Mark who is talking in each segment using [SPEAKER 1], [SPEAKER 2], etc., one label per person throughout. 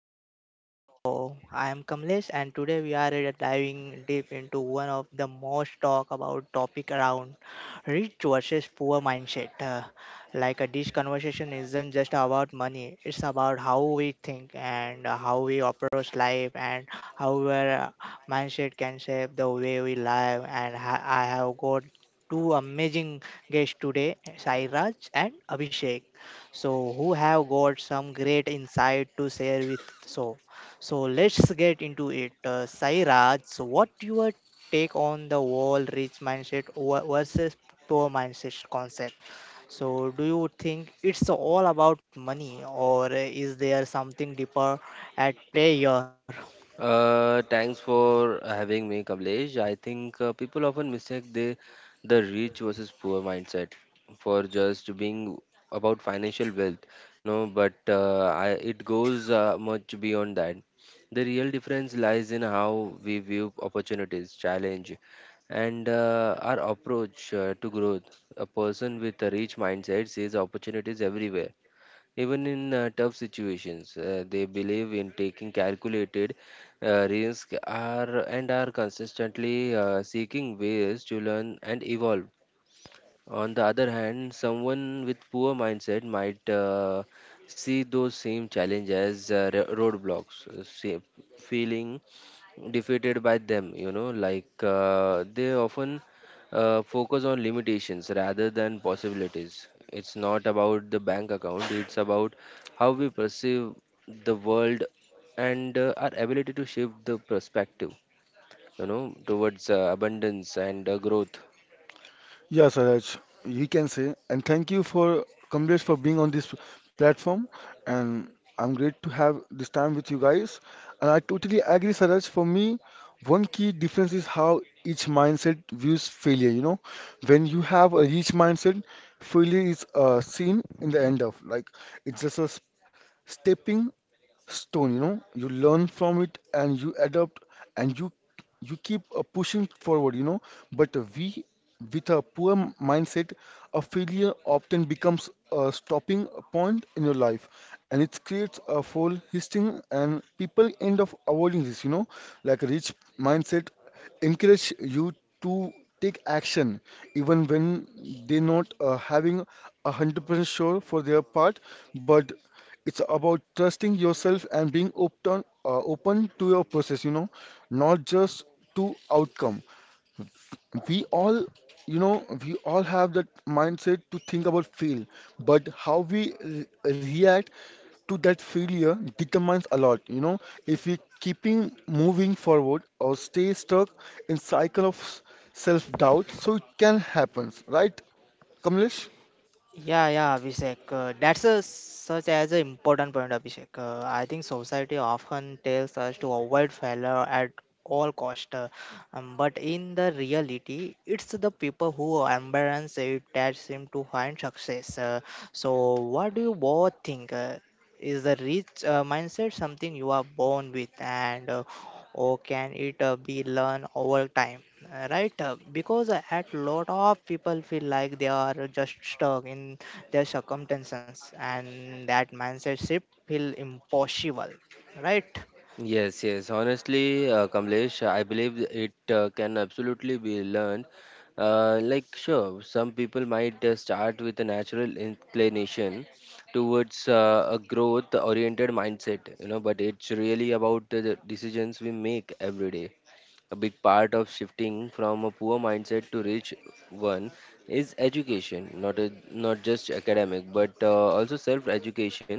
[SPEAKER 1] welcome back to the show. I am Kamlesh and today we are diving deep into one of the most talked about topic around rich versus poor mindset. This conversation isn't just about money, it's about how we think and how we approach life and how our mindset can shape the way we live and I have got two amazing guests today, Sairaj and Abhishek who have got some great insight to share with so let's get into it, Sairaj, so what your take on the wall rich mindset versus poor mindset concept? So do you think it's all about money or is there something deeper at play here?
[SPEAKER 2] Thanks for having me, Kamlesh. I think people often mistake the rich versus poor mindset for just being about financial wealth. No, but it goes much beyond that. The real difference lies in how we view opportunities, challenge, and our approach to growth. A person with a rich mindset sees opportunities everywhere. Even in tough situations, they believe in taking calculated risk are and are consistently seeking ways to learn and evolve. On the other hand, someone with poor mindset might see those same challenges as roadblocks, feeling defeated by them, you know, like they often focus on limitations rather than possibilities. It's not about the bank account, it's about how we perceive the world and our ability to shift the perspective, you know, towards abundance and growth.
[SPEAKER 3] Yeah, Saraj, you can say, and thank you for Kamlesh for being on this platform. And I'm great to have this time with you guys. And I totally agree, Saraj. For me, one key difference is how each mindset views failure. You know, when you have a rich mindset, failure is seen in the end of like it's just a stepping stone, you know, you learn from it and you adapt, and you keep pushing forward, you know. But we, with a poor mindset, a failure often becomes a stopping point in your life, and it creates a full hissing and people end up avoiding this, you know. Like a rich mindset encourage you to take action even when they're not having 100% sure for their part. But it's about trusting yourself and being open, open to your process, you know, not just to outcome. We all, you know, we all have that mindset to think about fail, but how we react to that failure determines a lot, you know, if we keeping moving forward or stay stuck in cycle of self doubt. So it can happen, right, Kamlesh?
[SPEAKER 1] Yeah, yeah, Abhishek. That's a, such as an important point, Abhishek. I think society often tells us to avoid failure at all cost, but in the reality, it's the people who embrace it that seem to find success. So, what do you both think? Is the rich mindset something you are born with, and or can it be learned over time? Right, because at lot of people feel like they are just stuck in their circumstances and that mindset shift feel impossible, right?
[SPEAKER 2] Yes, yes. Honestly, Kamlesh, I believe it can absolutely be learned. Like, sure, some people might start with a natural inclination towards a growth-oriented mindset, you know, but it's really about the decisions we make every day. A big part of shifting from a poor mindset to rich one is education, not just academic, but also self-education.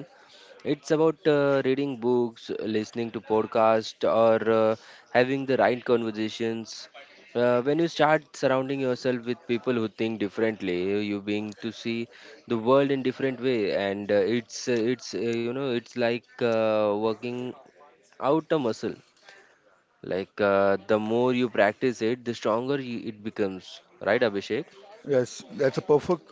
[SPEAKER 2] It's about reading books, listening to podcasts, or having the right conversations. When you start surrounding yourself with people who think differently, you begin to see the world in different way, and it's you know, it's like working out a muscle. Like the more you practice it, the stronger it becomes. Right, Abhishek?
[SPEAKER 3] Yes, that's a perfect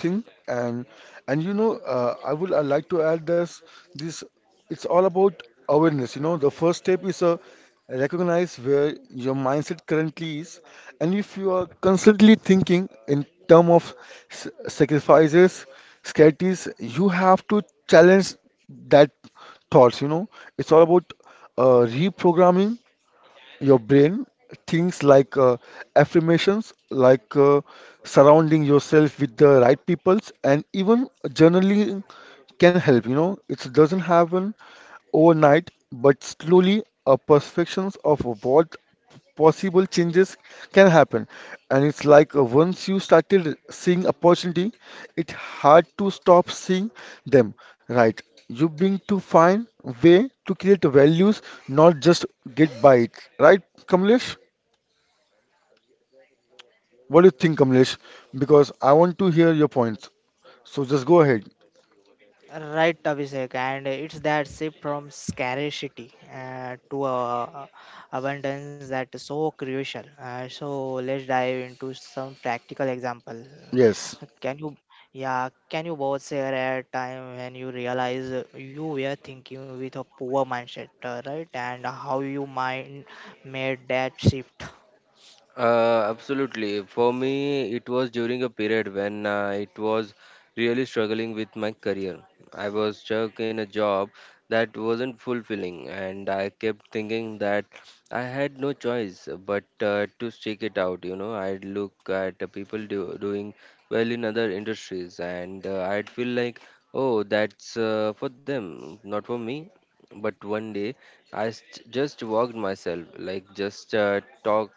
[SPEAKER 3] thing. And you know, I like to add this. It's all about awareness, you know. The first step is a recognize where your mindset currently is, and if you are constantly thinking in term of sacrifices, scarcities, you have to challenge that thoughts, you know. It's all about reprogramming your brain thinks, like affirmations, like surrounding yourself with the right peoples, and even journaling can help, you know. It doesn't happen overnight, but slowly a perceptions of what possible changes can happen. And it's like, once you started seeing opportunity, it's hard to stop seeing them, right? You bring to find way to create values, not just get by it. Right, Kamlesh? What do you think, Kamlesh? Because I want to hear your points. So just go ahead.
[SPEAKER 1] Right, Abhishek, and it's that shift from scarcity to abundance that is so crucial. So let's dive into some practical example.
[SPEAKER 3] Yes,
[SPEAKER 1] Can you, yeah, can you both share a time when you realize you were thinking with a poor mindset, right? And how you mind made that shift?
[SPEAKER 2] Absolutely. For me, it was during a period when it was really struggling with my career. I was stuck in a job that wasn't fulfilling, and I kept thinking that I had no choice but to stick it out. You know, I'd look at the doing well in other industries, and I'd feel like, oh, that's for them, not for me. But one day, just walked myself, like just talk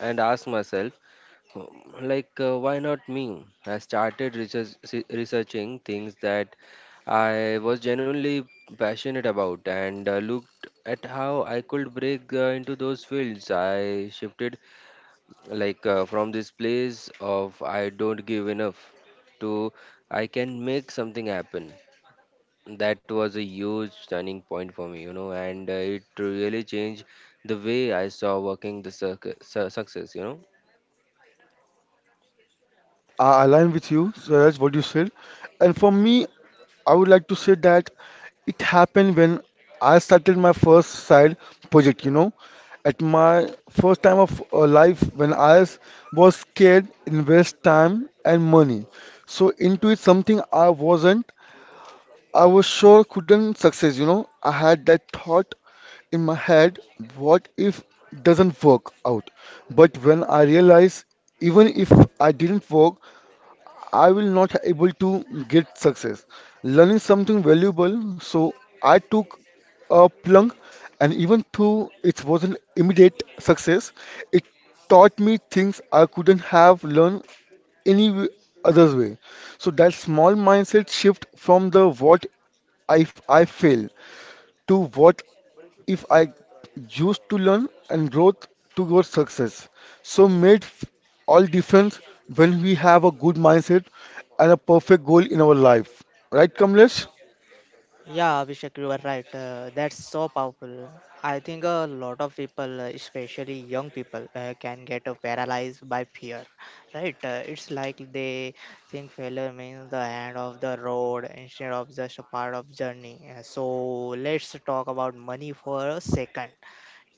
[SPEAKER 2] and asked myself, like, why not me? Researching things that I was genuinely passionate about, and looked at how I could break into those fields. I shifted like from this place of I don't give enough to I can make something happen. That was a huge turning point for me, you know, and it really changed the way I saw working the success, you know.
[SPEAKER 3] I align with you. So that's what you said. And for me, I would like to say that it happened when I started my first side project. You know, at my first time of life, when I was scared, invest time and money. So into it something I wasn't, I was sure couldn't success, you know. I had that thought in my head, what if doesn't work out? But when I realized even if I didn't work, I will not able to get success. Learning something valuable, so I took a plunge, and even though it wasn't immediate success, it taught me things I couldn't have learned any other way. So that small mindset shift from the what if I fail to what if I used to learn and growth towards success. So made all difference when we have a good mindset and a perfect goal in our life. Right, Kamlesh?
[SPEAKER 1] Yeah, Abhishek, you are right. That's so powerful. I think a lot of people, especially young people, can get paralyzed by fear, right? It's like they think failure means the end of the road instead of just a part of journey. So let's talk about money for a second.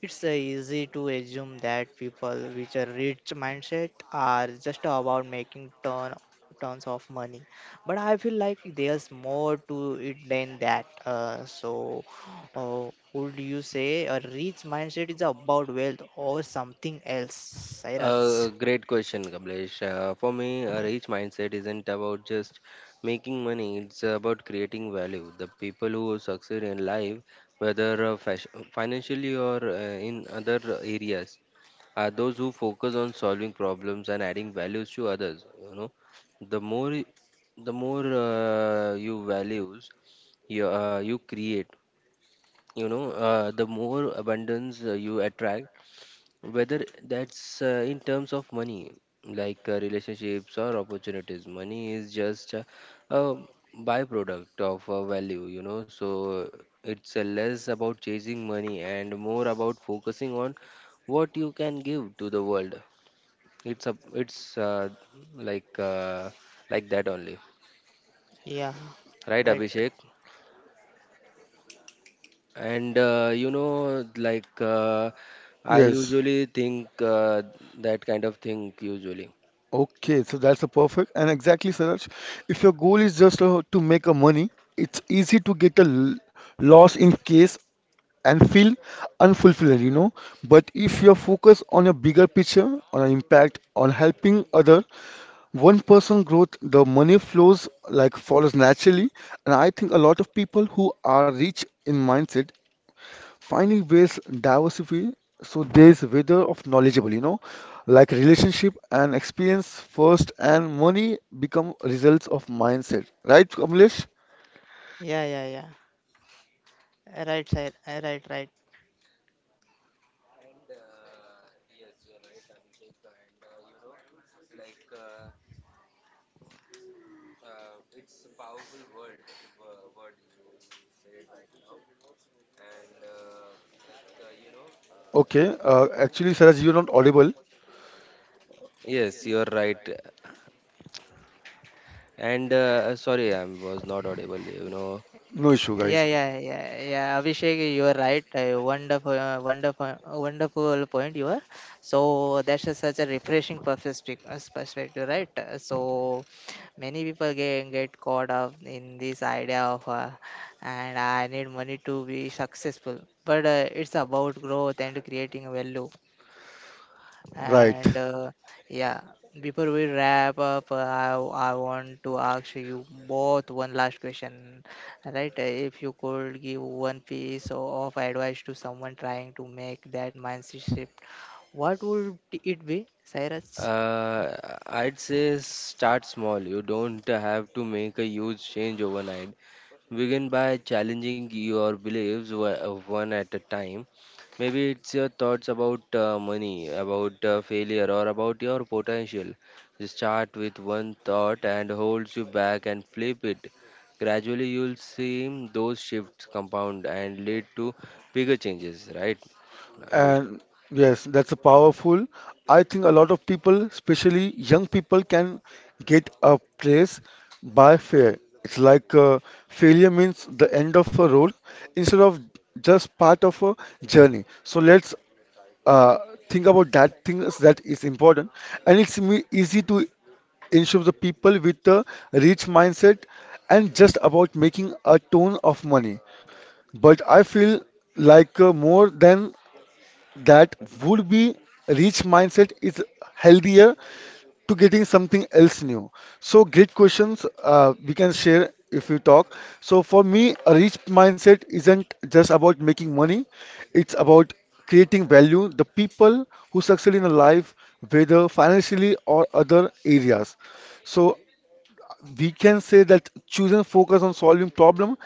[SPEAKER 1] It's easy to assume that people with a rich mindset are just about making tons of money, but I feel like there's more to it than that. So, would you say a rich mindset is about wealth or something else, Sairaj?
[SPEAKER 2] Great question, Kamlesh. For me, a rich mindset isn't about just making money, it's about creating value. The people who succeed in life, whether financially or in other areas, are those who focus on solving problems and adding values to others. You know, the more y- the more you values you create, you know, the more abundance you attract, whether that's in terms of money like relationships or opportunities. Money is just a byproduct of value, you know. So it's less about chasing money and more about focusing on what you can give to the world. It's a it's Like like that only,
[SPEAKER 1] Yeah,
[SPEAKER 2] right,
[SPEAKER 1] right.
[SPEAKER 2] Abhishek? And you know, like I
[SPEAKER 3] Yes.
[SPEAKER 2] usually think that kind of thing usually.
[SPEAKER 3] Okay, so that's a perfect and exactly, Saraj. If your goal is just to make a money, it's easy to get a loss in case and feel unfulfilled, you know. But if you're focused on a bigger picture, on an impact, on helping other one person growth, the money flows like follows naturally. And I think a lot of people who are rich in mindset finding ways diversity, so there is weather of knowledgeable, you know, like relationship and experience first, and money become results of mindset. Right, Kamlesh?
[SPEAKER 1] Yeah, yeah, yeah. Right, right, right, right.
[SPEAKER 3] Okay. Actually, Saraj, you're not audible.
[SPEAKER 2] Yes, you are right. And sorry, I was not audible. You know,
[SPEAKER 3] No issue,
[SPEAKER 1] Yeah,
[SPEAKER 3] guys.
[SPEAKER 1] yeah, yeah, yeah. Abhishek, you are right. A wonderful, wonderful point you are. So that's a, such a refreshing perspective, right? So many people get caught up in this idea of, and I need money to be successful. But it's about growth and creating value
[SPEAKER 3] Right.
[SPEAKER 1] and yeah, before we wrap up, I want to ask you both one last question, right? If you could give one piece of advice to someone trying to make that mindset shift, what would it be, Cyrus?
[SPEAKER 2] uh, I'd say start small. You don't have to make a huge change overnight. Begin by challenging your beliefs one at a time. Maybe it's your thoughts about money, about failure, or about your potential. You start with one thought and holds you back and flip it. Gradually, you'll see those shifts compound and lead to bigger changes, right, Avish?
[SPEAKER 3] And yes, that's a powerful. I think a lot of people, especially young people, can get a place by fear. It's like failure means the end of a road instead of just part of a journey. So let's, uh, think about that things that is important, and it's easy to ensure the people with a rich mindset and just about making a ton of money. But I feel like more than that would be rich mindset is healthier to getting something else new. So great questions, we can share if we talk. So for me, a rich mindset isn't just about making money; it's about creating value. The people who succeed in a life, whether financially or other areas. So we can say that choosing focus on solving problem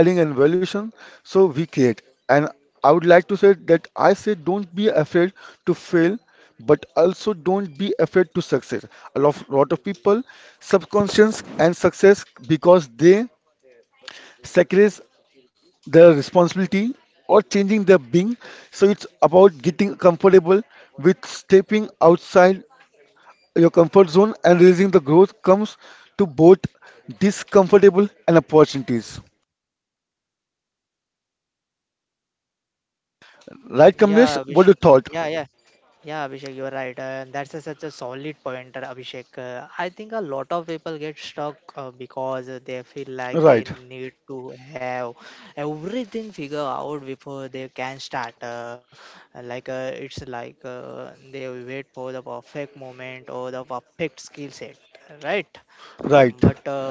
[SPEAKER 3] adding and evolution so we create. And I would like to say that I say don't be afraid to fail, but also don't be afraid to success. A lot of people subconscious and success because they sacrifice their responsibility or changing their being. So it's about getting comfortable with stepping outside your comfort zone and raising the growth comes to both discomfortable and opportunities. Right, Kamlesh?
[SPEAKER 1] Yeah,
[SPEAKER 3] What
[SPEAKER 1] wish.
[SPEAKER 3] you thought?
[SPEAKER 1] Yeah, yeah. Yeah, Abhishek, you're right. That's a, such a solid pointer, Abhishek. I think a lot of people get stuck because they feel like
[SPEAKER 3] Right,
[SPEAKER 1] they need to have everything figured out before they can start. It's like they wait for the perfect moment or the perfect skill set, right?
[SPEAKER 3] right.
[SPEAKER 1] But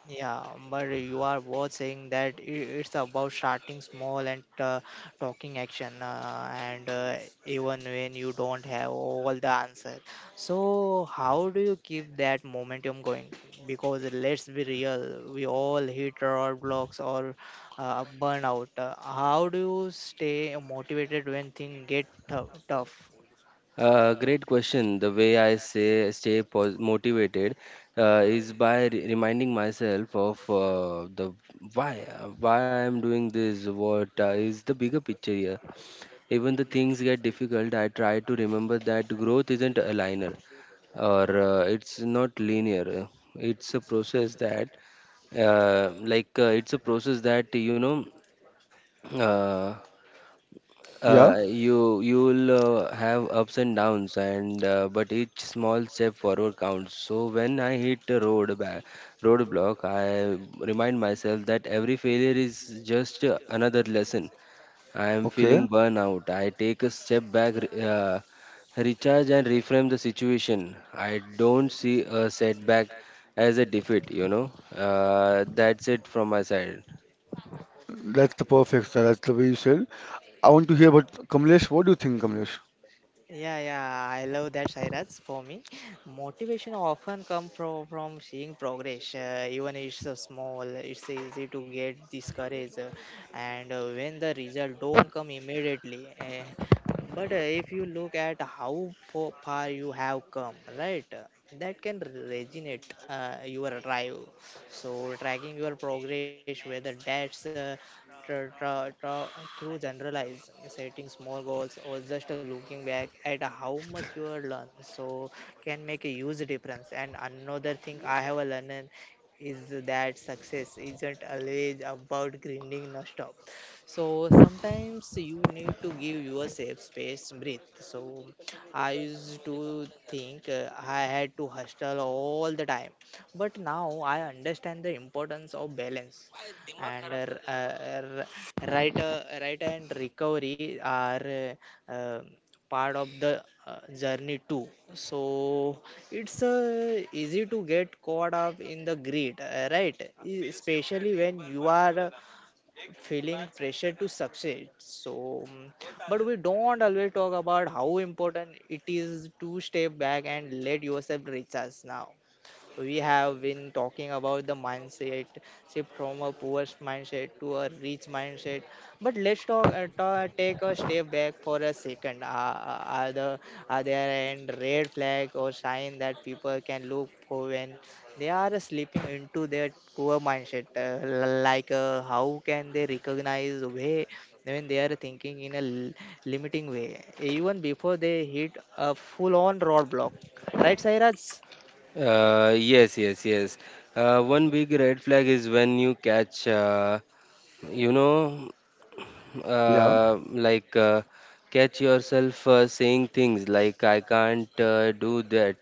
[SPEAKER 1] Yeah, but you are both saying that it's about starting small and talking action, and even when you don't have all the answer. So, how do you keep that momentum going? Because let's be real, we all hit roadblocks or burnout. How do you stay motivated when things get tough?
[SPEAKER 2] Great question. The way I say stay pos motivated is by re reminding myself of the why, why I'm doing this. What is the bigger picture here? Even the things get difficult, I try to remember that growth isn't a linear, or it's not linear. It's a process that it's a process that, you know. Uh,
[SPEAKER 3] Yeah,
[SPEAKER 2] you you'll have ups and downs, and but each small step forward counts. So when I hit a roadblock, I remind myself that every failure is just another lesson. I am
[SPEAKER 3] okay.
[SPEAKER 2] feeling burnout, I take a step back, recharge and reframe the situation. I don't see a setback as a defeat, you know. That's it from my side.
[SPEAKER 3] That's a perfect, sir. That's the way you said. I want to hear about Kamlesh. What do you think, Kamlesh?
[SPEAKER 1] Yeah, yeah, I love that, Sairaj. For me, motivation often come from seeing progress, even it's small. It's easy to get discouraged, and when the result don't come immediately. Eh, but If you look at how far you have come, right, that can resonate your drive. So tracking your progress, whether that's tra- tra- tra- through generalized setting small goals or just looking back at how much you have learned, so can make a huge difference. And another thing I have learned is that success isn't always about grinding non-stop, so sometimes you need to give yourself space, breathe. So I used to think I had to hustle all the time, but now I understand the importance of balance. And r- r- right, Right and recovery are uh, uh, part of the journey too. So it's easy to get caught up in the grid, right? Especially when you are feeling pressure to succeed, so but we don't always talk about how important it is to step back and let yourself recharge. Now we have been talking about the mindset shift from a poor mindset to a rich mindset. But let's talk, take a step back for a second. Are the are there any red flag or sign that people can look for when they are slipping into their poor mindset? How can they recognize way when they are thinking in a limiting way, even before they hit a full-on roadblock? Right, Sairaj?
[SPEAKER 2] Yes, yes, yes. One big red flag is when you catch, you know,
[SPEAKER 3] Yeah,
[SPEAKER 2] uh, like uh, catch yourself saying things like I can't do that,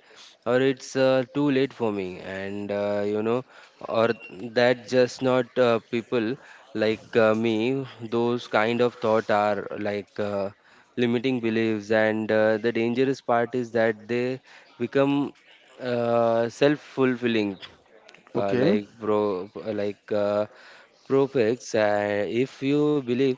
[SPEAKER 2] or it's too late for me, and you know, or that just not people like me. Those kind of thought are like limiting beliefs, and the dangerous part is that they become self-fulfilling uh,
[SPEAKER 3] okay.
[SPEAKER 2] like pro like uh, Profex, If you believe,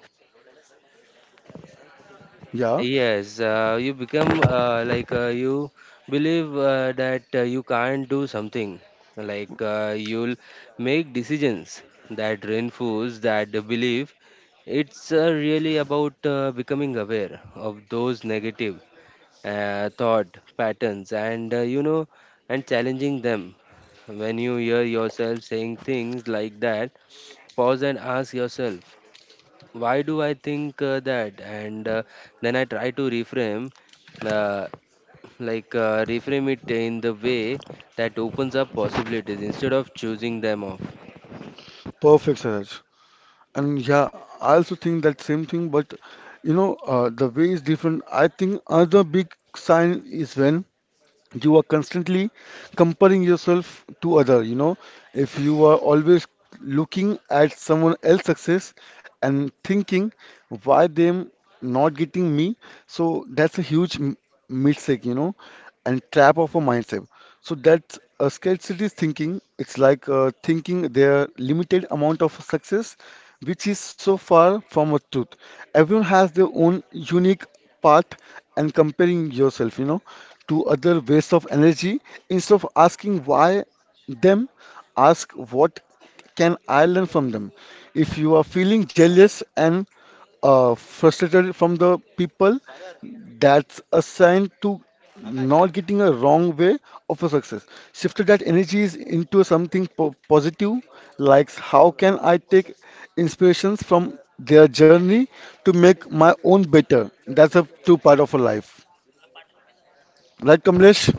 [SPEAKER 3] Yeah,
[SPEAKER 2] yes, you become you believe that you can't do something. Like you'll make decisions that reinforce that belief. It's really about becoming aware of those negative thought patterns, and you know, and challenging them. When you hear yourself saying things like that, pause and ask yourself why do I think that? And then I try to reframe, uh, reframe it in the way that opens up possibilities instead of choosing them off.
[SPEAKER 3] perfect, Saraj. And yeah, I also think that same thing, but you know, the way is different. I think another big sign is when you are constantly comparing yourself to other, you know. If you are always looking at someone else's success and thinking why them not getting me, so that's a huge mistake, you know, and trap of a mindset. So that's scarcity thinking. It's like thinking their limited amount of success, which is so far from a truth. Everyone has their own unique path, and comparing yourself, you know, to other waste of energy. Instead of asking why them, ask what can I learn from them? If you are feeling jealous and frustrated from the people, that's a sign to not getting a wrong way of a success. Shifted that energy is into something positive, like how can I take inspirations from their journey to make my own better? That's a true part of a life. Right, Kamlesh?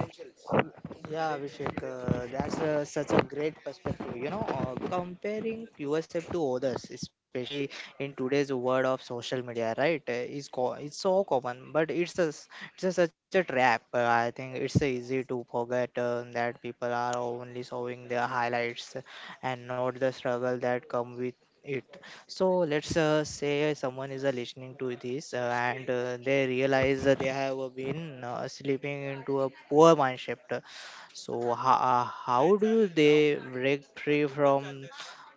[SPEAKER 1] Yeah, Abhishek, that's such a great perspective. You know, comparing yourself to others, especially in today's world of social media, right, it's so common, but it's a, such a trap. I think it's easy to forget that people are only showing their highlights and not the struggle that come with it. So let's say someone is listening to this and they realize that they have been slipping into a poor mindset, so how do they break free from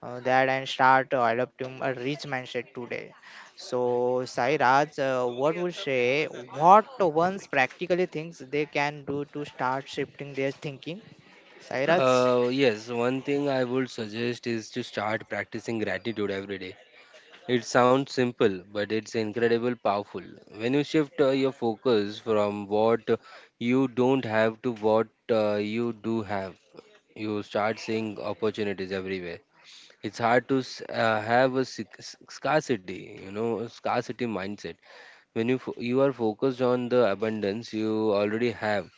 [SPEAKER 1] that and start adopting a rich mindset today? So Sai Raj, what would say what ones practically things they can do to start shifting their thinking? Sai Raj?
[SPEAKER 2] Yes, one thing I would suggest is to start practicing gratitude every day. It sounds simple, but it's incredibly powerful. When you shift your focus from what you don't have to what you do have, you start seeing opportunities everywhere. It's hard to have a scarcity, you know, a scarcity mindset. When you you are focused on the abundance you already have,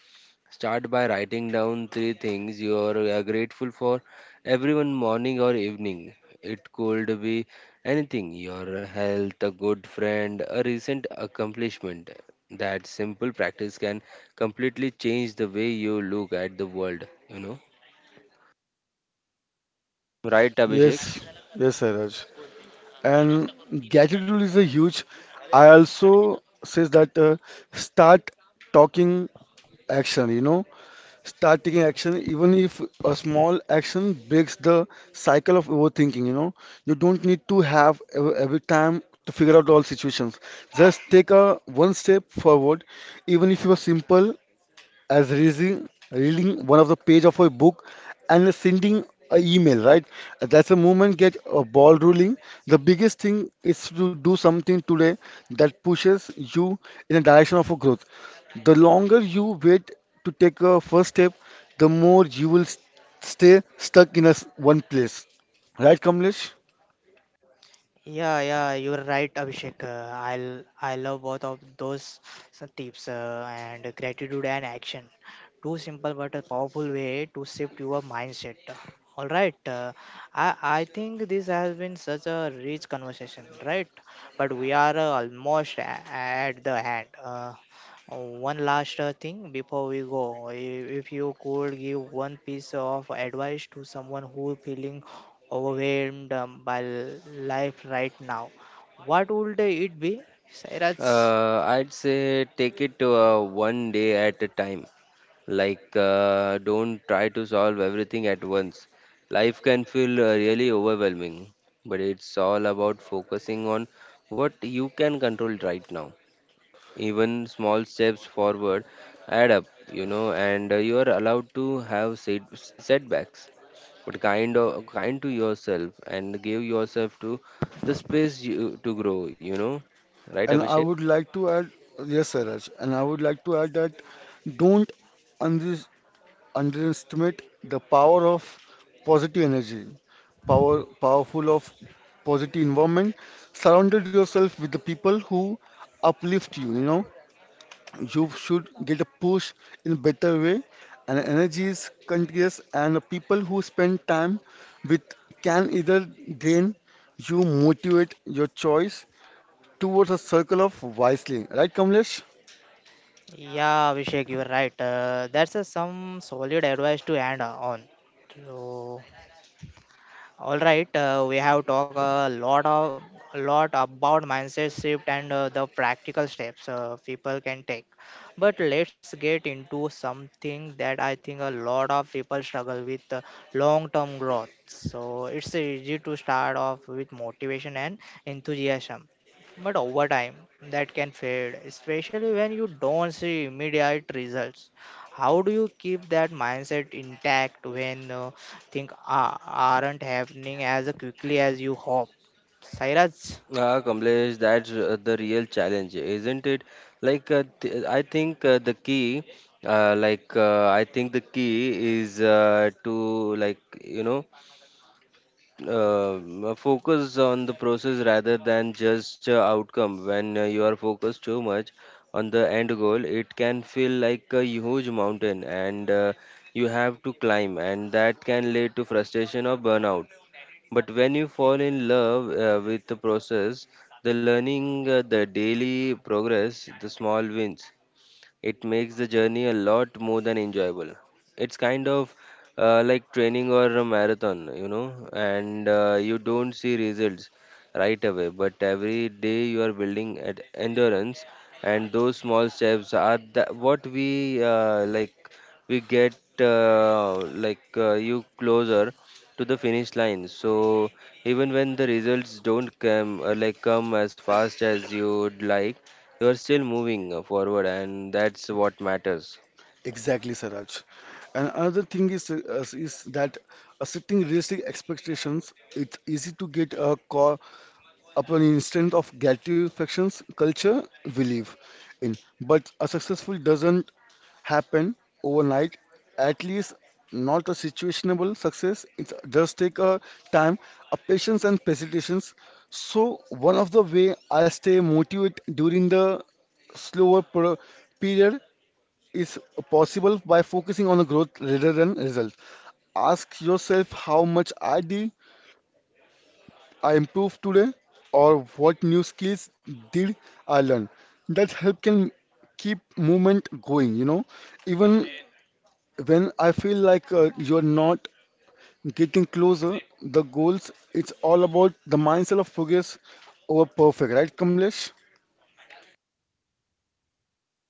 [SPEAKER 2] start by writing down three things you are grateful for every one morning or evening. It could be anything, your health, a good friend, a recent accomplishment. That simple practice can completely change the way you look at the world, you know. Right, Abhishek?
[SPEAKER 3] Yes, yes, Sairaj. And gadget rule is a huge, I also says that start talking action, you know. Start taking action even if a small action breaks the cycle of overthinking, you know. You don't need to have every time to figure out all situations. Just take a one step forward, even if you are simple as reading one of the page of a book and sending an email, right? That's a movement, get a ball rolling. The biggest thing is to do something today that pushes you in the direction of a growth. The longer you wait to take a first step, the more you will stay stuck in a one place. Right, Kamlesh?
[SPEAKER 1] Yeah, yeah, you're right, Abhishek. I love both of those tips and gratitude and action. Two simple but a powerful way to shift your mindset. All right, I think this has been such a rich conversation, right? But we are almost at the end. One last thing before we go, if you could give one piece of advice to someone who feeling overwhelmed by life right now, what would it be, Sairaj?
[SPEAKER 2] I'd say take it one day at a time. Like, don't try to solve everything at once. Life can feel really overwhelming, but it's all about focusing on what you can control right now. Even small steps forward add up, you know, and you are allowed to have setbacks, but kind of kind to yourself and give yourself to the space to grow, you know, right,
[SPEAKER 3] And I
[SPEAKER 2] Abhishek?
[SPEAKER 3] would like to add, yes, Siraj, and I would like to add that don't underestimate the power of positive energy, powerful of positive environment. Surrounded yourself with the people who uplift you. You know, you should get a push in a better way. And energy is contagious, and the people who spend time with can either drain you, motivate your choice towards a circle of wisely. Right, Kamlesh?
[SPEAKER 1] Yeah, Abhishek, you're right. That's a, some solid advice to end on. So, all right, we have talked a lot about mindset shift and the practical steps people can take. But let's get into something that I think a lot of people struggle with, long-term growth. So it's easy to start off with motivation and enthusiasm, but over time that can fade, especially when you don't see immediate results. How do you keep that mindset intact when aren't happening as quickly as you hope? Cyrus?
[SPEAKER 2] Ah, Kamlesh, that's the real challenge, isn't it? Like, th I think I think the key is to, like, you know, focus on the process rather than just outcome. When you are focused too much on the end goal, it can feel like a huge mountain, and you have to climb, and that can lead to frustration or burnout. But when you fall in love with the process, the learning, the daily progress, the small wins, it makes the journey a lot more than enjoyable. It's kind of like training or a marathon, you know, and you don't see results right away, but every day you are building at endurance, and those small steps are that what we we get you closer to the finish line. So even when the results don't come come as fast as you'd like, you are still moving forward, and that's what matters.
[SPEAKER 3] Exactly, Saraj. And another thing is, is that setting realistic expectations, it's easy to get a call upon on instant of gratifications culture we live in. But a successful doesn't happen overnight. At least not a situationable success. It does take a time, a patience and presentations. So one of the way I stay motivated during the slower period is possible by focusing on the growth rather than results. Ask yourself how much I improved today, or what new skills did I learn. That help can keep movement going, you know. Even when I feel like you're not getting closer, the goals, it's all about the mindset of progress over perfect, right, Kamlesh?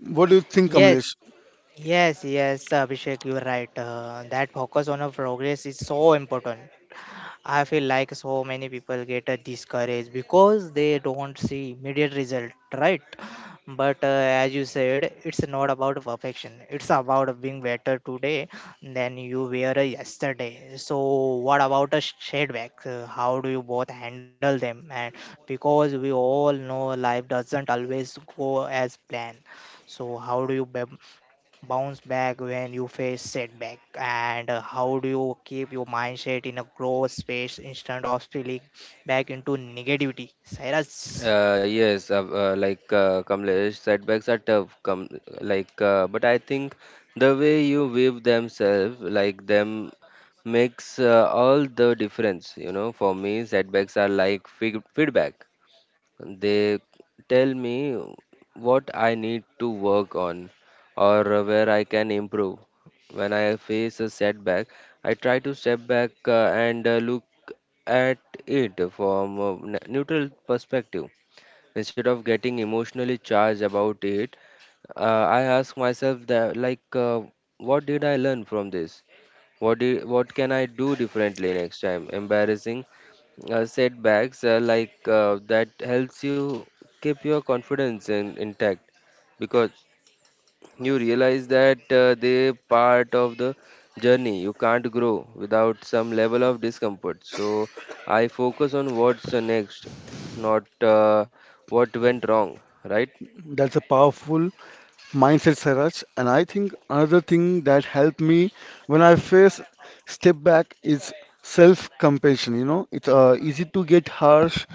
[SPEAKER 3] What do you think,
[SPEAKER 1] Yes,
[SPEAKER 3] Kamlesh?
[SPEAKER 1] yes, yes, Abhishek, you're right. That focus on a progress is so important. I feel like so many people get discouraged because they don't see immediate result, right? But as you said, it's not about perfection. It's about being better today than you were yesterday. So, what about a setback? How do you both handle them? And because we all know life doesn't always go as planned, so how do you bounce back when you face setback, and how do you keep your mindset in a growth space instead of spilling back into negativity? Cyrus?
[SPEAKER 2] Kamlesh, setbacks are tough, come like but I think the way you wave them makes all the difference, you know. For me, setbacks are like feedback. They tell me what I need to work on or where I can improve. When I face a setback, I try to step back and look at it from a neutral perspective. Instead of getting emotionally charged about it, I ask myself that, like, what did I learn from this? What can I do differently next time? Embarrassing setbacks that helps you keep your confidence intact, because you realize that they part of the journey. You can't grow without some level of discomfort. So I focus on what's next, not what went wrong, right?
[SPEAKER 3] That's a powerful mindset, Saraj. And I think another thing that helped me when I face step back is self compassion. You know, it's easy to get harsh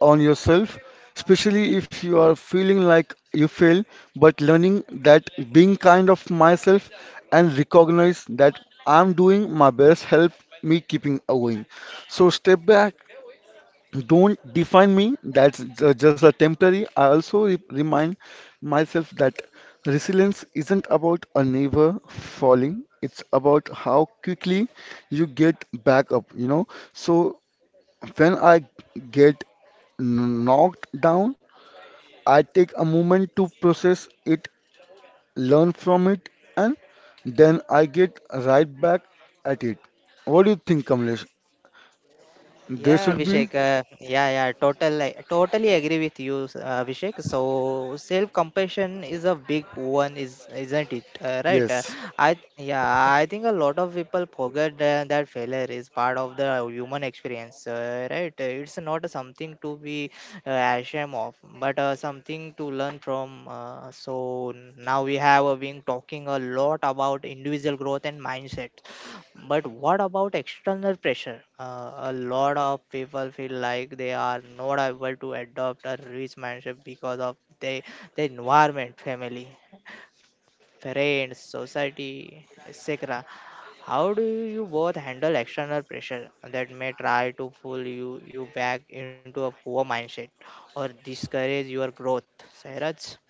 [SPEAKER 3] on yourself, especially if you are feeling like you fail. But learning that being kind of myself and recognize that I'm doing my best help me keeping going. So step back don't define me, that's just a temporary. I also remind myself that resilience isn't about a never falling, it's about how quickly you get back up, you know. So when I get knocked down, I take a moment to process it, learn from it, and then I get right back at it. What do you think, Kamlesh? There
[SPEAKER 1] Yeah,
[SPEAKER 3] should be.
[SPEAKER 1] Abhishek. Yeah, yeah, totally, totally agree with you, Abhishek. So self-compassion is a big one, is isn't it? Right?
[SPEAKER 3] Yes.
[SPEAKER 1] I Yeah, I think a lot of people forget that failure is part of the human experience. Right? It's not something to be ashamed of, but something to learn from. So now we have been talking a lot about individual growth and mindset, but what about external pressure? A lot of people feel like they are not able to adopt a rich mindset because of the environment, family, friends, society, etc. How do you both handle external pressure that may try to fool you back into a poor mindset or discourage your growth? Sairaj?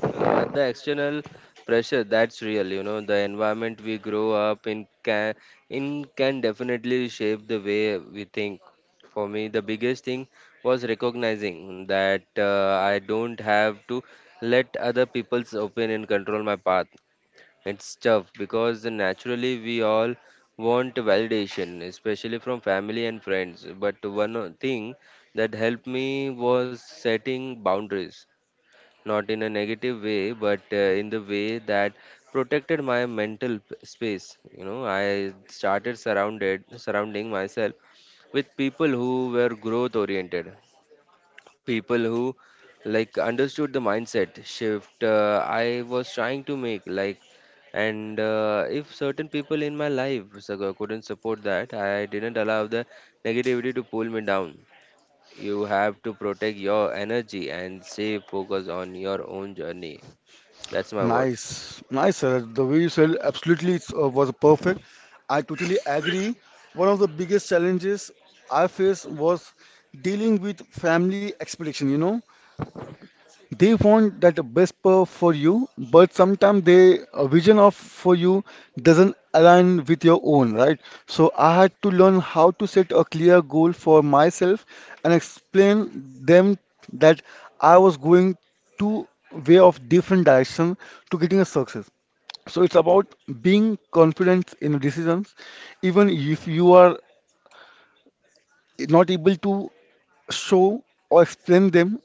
[SPEAKER 2] Uh, like the external pressure, that's real, you know. The environment we grow up in can definitely shape the way we think. For me, the biggest thing was recognizing that I don't have to let other people's opinion control my path. It's tough because naturally we all want validation, especially from family and friends, but one thing that helped me was setting boundaries, not in a negative way, but in the way that protected my mental space. You know, I started surrounded surrounding myself with people who were growth oriented, people who like understood the mindset shift I was trying to make. Like, and if certain people in my life couldn't support that, I didn't allow the negativity to pull me down. You have to protect your energy and stay focused on your own journey. That's my word.
[SPEAKER 3] Nice, nice, sir. The way you said absolutely it's, was perfect. I totally agree. One of the biggest challenges I faced was dealing with family expectation. You know, they want that the best per for you, but sometimes their vision of for you doesn't align with your own, right? So I had to learn how to set a clear goal for myself and explain them that I was going to way of different direction to getting a success. So it's about being confident in your decisions even if you are not able to show or explain them,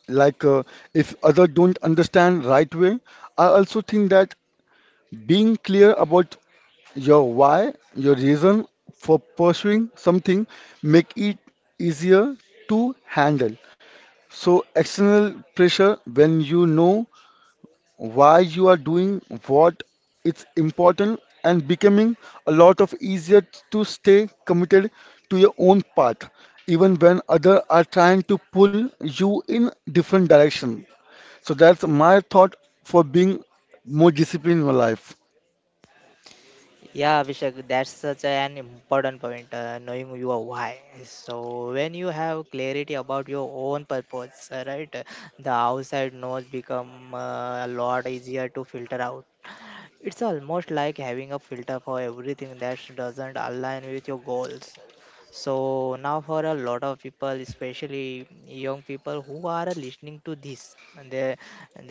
[SPEAKER 3] like if other don't understand right way. I also think that being clear about your why, your reason for pursuing something, make it easier to handle. So external pressure, when you know why you are doing what, it's important and becoming a lot of easier to stay committed to your own path, even when other are trying to pull you in different direction. So that's my thought for being more disciplined in my life.
[SPEAKER 1] Yeah, Abhishek, that's such an important point, knowing your why. So, when you have clarity about your own purpose, right, the outside noise become a lot easier to filter out. It's almost like having a filter for everything that doesn't align with your goals. So now for a lot of people, especially young people who are listening to this, and there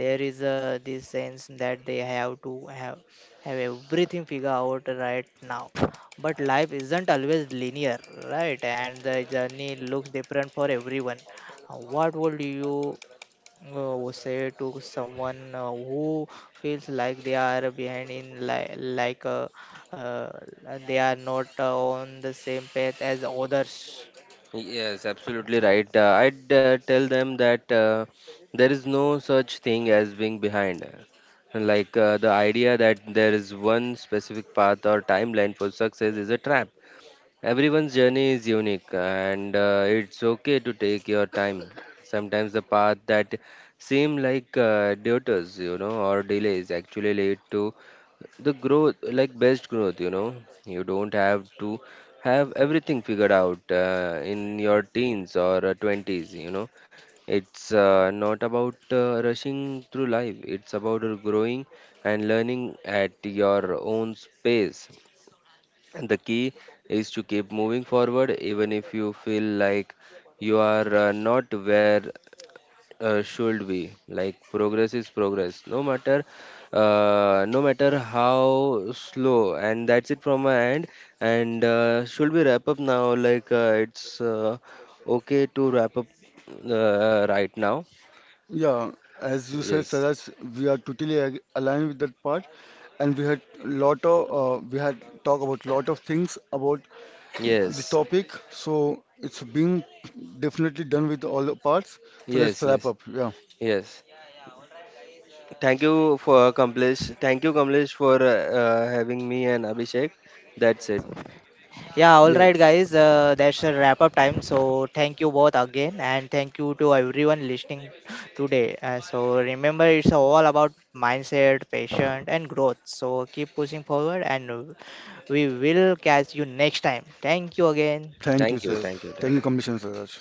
[SPEAKER 1] there is a this sense that they have to have have everything figured out right now. But life isn't always linear, right? And the journey looks different for everyone. What would you was said to someone who feels like they are behind in uh, and they are not on the same path as others?
[SPEAKER 2] Yes, absolutely right. I'd tell them that there is no such thing as being behind. Like the idea that there is one specific path or timeline for success is a trap. Everyone's journey is unique, and it's okay to take your time. Sometimes the path that seem like detours, you know, or delays actually lead to the growth like best growth, you know. You don't have to have everything figured out in your teens or 20s, you know. It's not about rushing through life, it's about growing and learning at your own pace. And the key is to keep moving forward even if you feel like you are not where should be. Like progress is progress no matter no matter how slow. And that's it from my end. And should we wrap up now? Like it's okay to wrap up right now?
[SPEAKER 3] Yeah, as you said,
[SPEAKER 2] Yes,
[SPEAKER 3] Saraj, we are totally aligned with that part, and we had lot of, we had talked about lot of things about this
[SPEAKER 2] yes,
[SPEAKER 3] topic. So it's been definitely done with all the parts. So let's
[SPEAKER 2] yes,
[SPEAKER 3] wrap
[SPEAKER 2] yes,
[SPEAKER 3] up. Yeah.
[SPEAKER 2] yes. Thank you for Kamlesh, thank you Kamlesh for having me, and Abhishek. That's it.
[SPEAKER 1] Yeah, all right
[SPEAKER 3] Yes.
[SPEAKER 1] guys, that's a wrap up time, so thank you both again and thank you to everyone listening today, so remember it's all about mindset, patience and growth. So keep pushing forward and we will catch you next time. Thank you again.
[SPEAKER 3] Thank you,
[SPEAKER 2] Thank you,
[SPEAKER 3] sir.
[SPEAKER 2] thank you,
[SPEAKER 3] Thank
[SPEAKER 2] thank
[SPEAKER 3] you,
[SPEAKER 2] you.
[SPEAKER 3] Commission Saraj.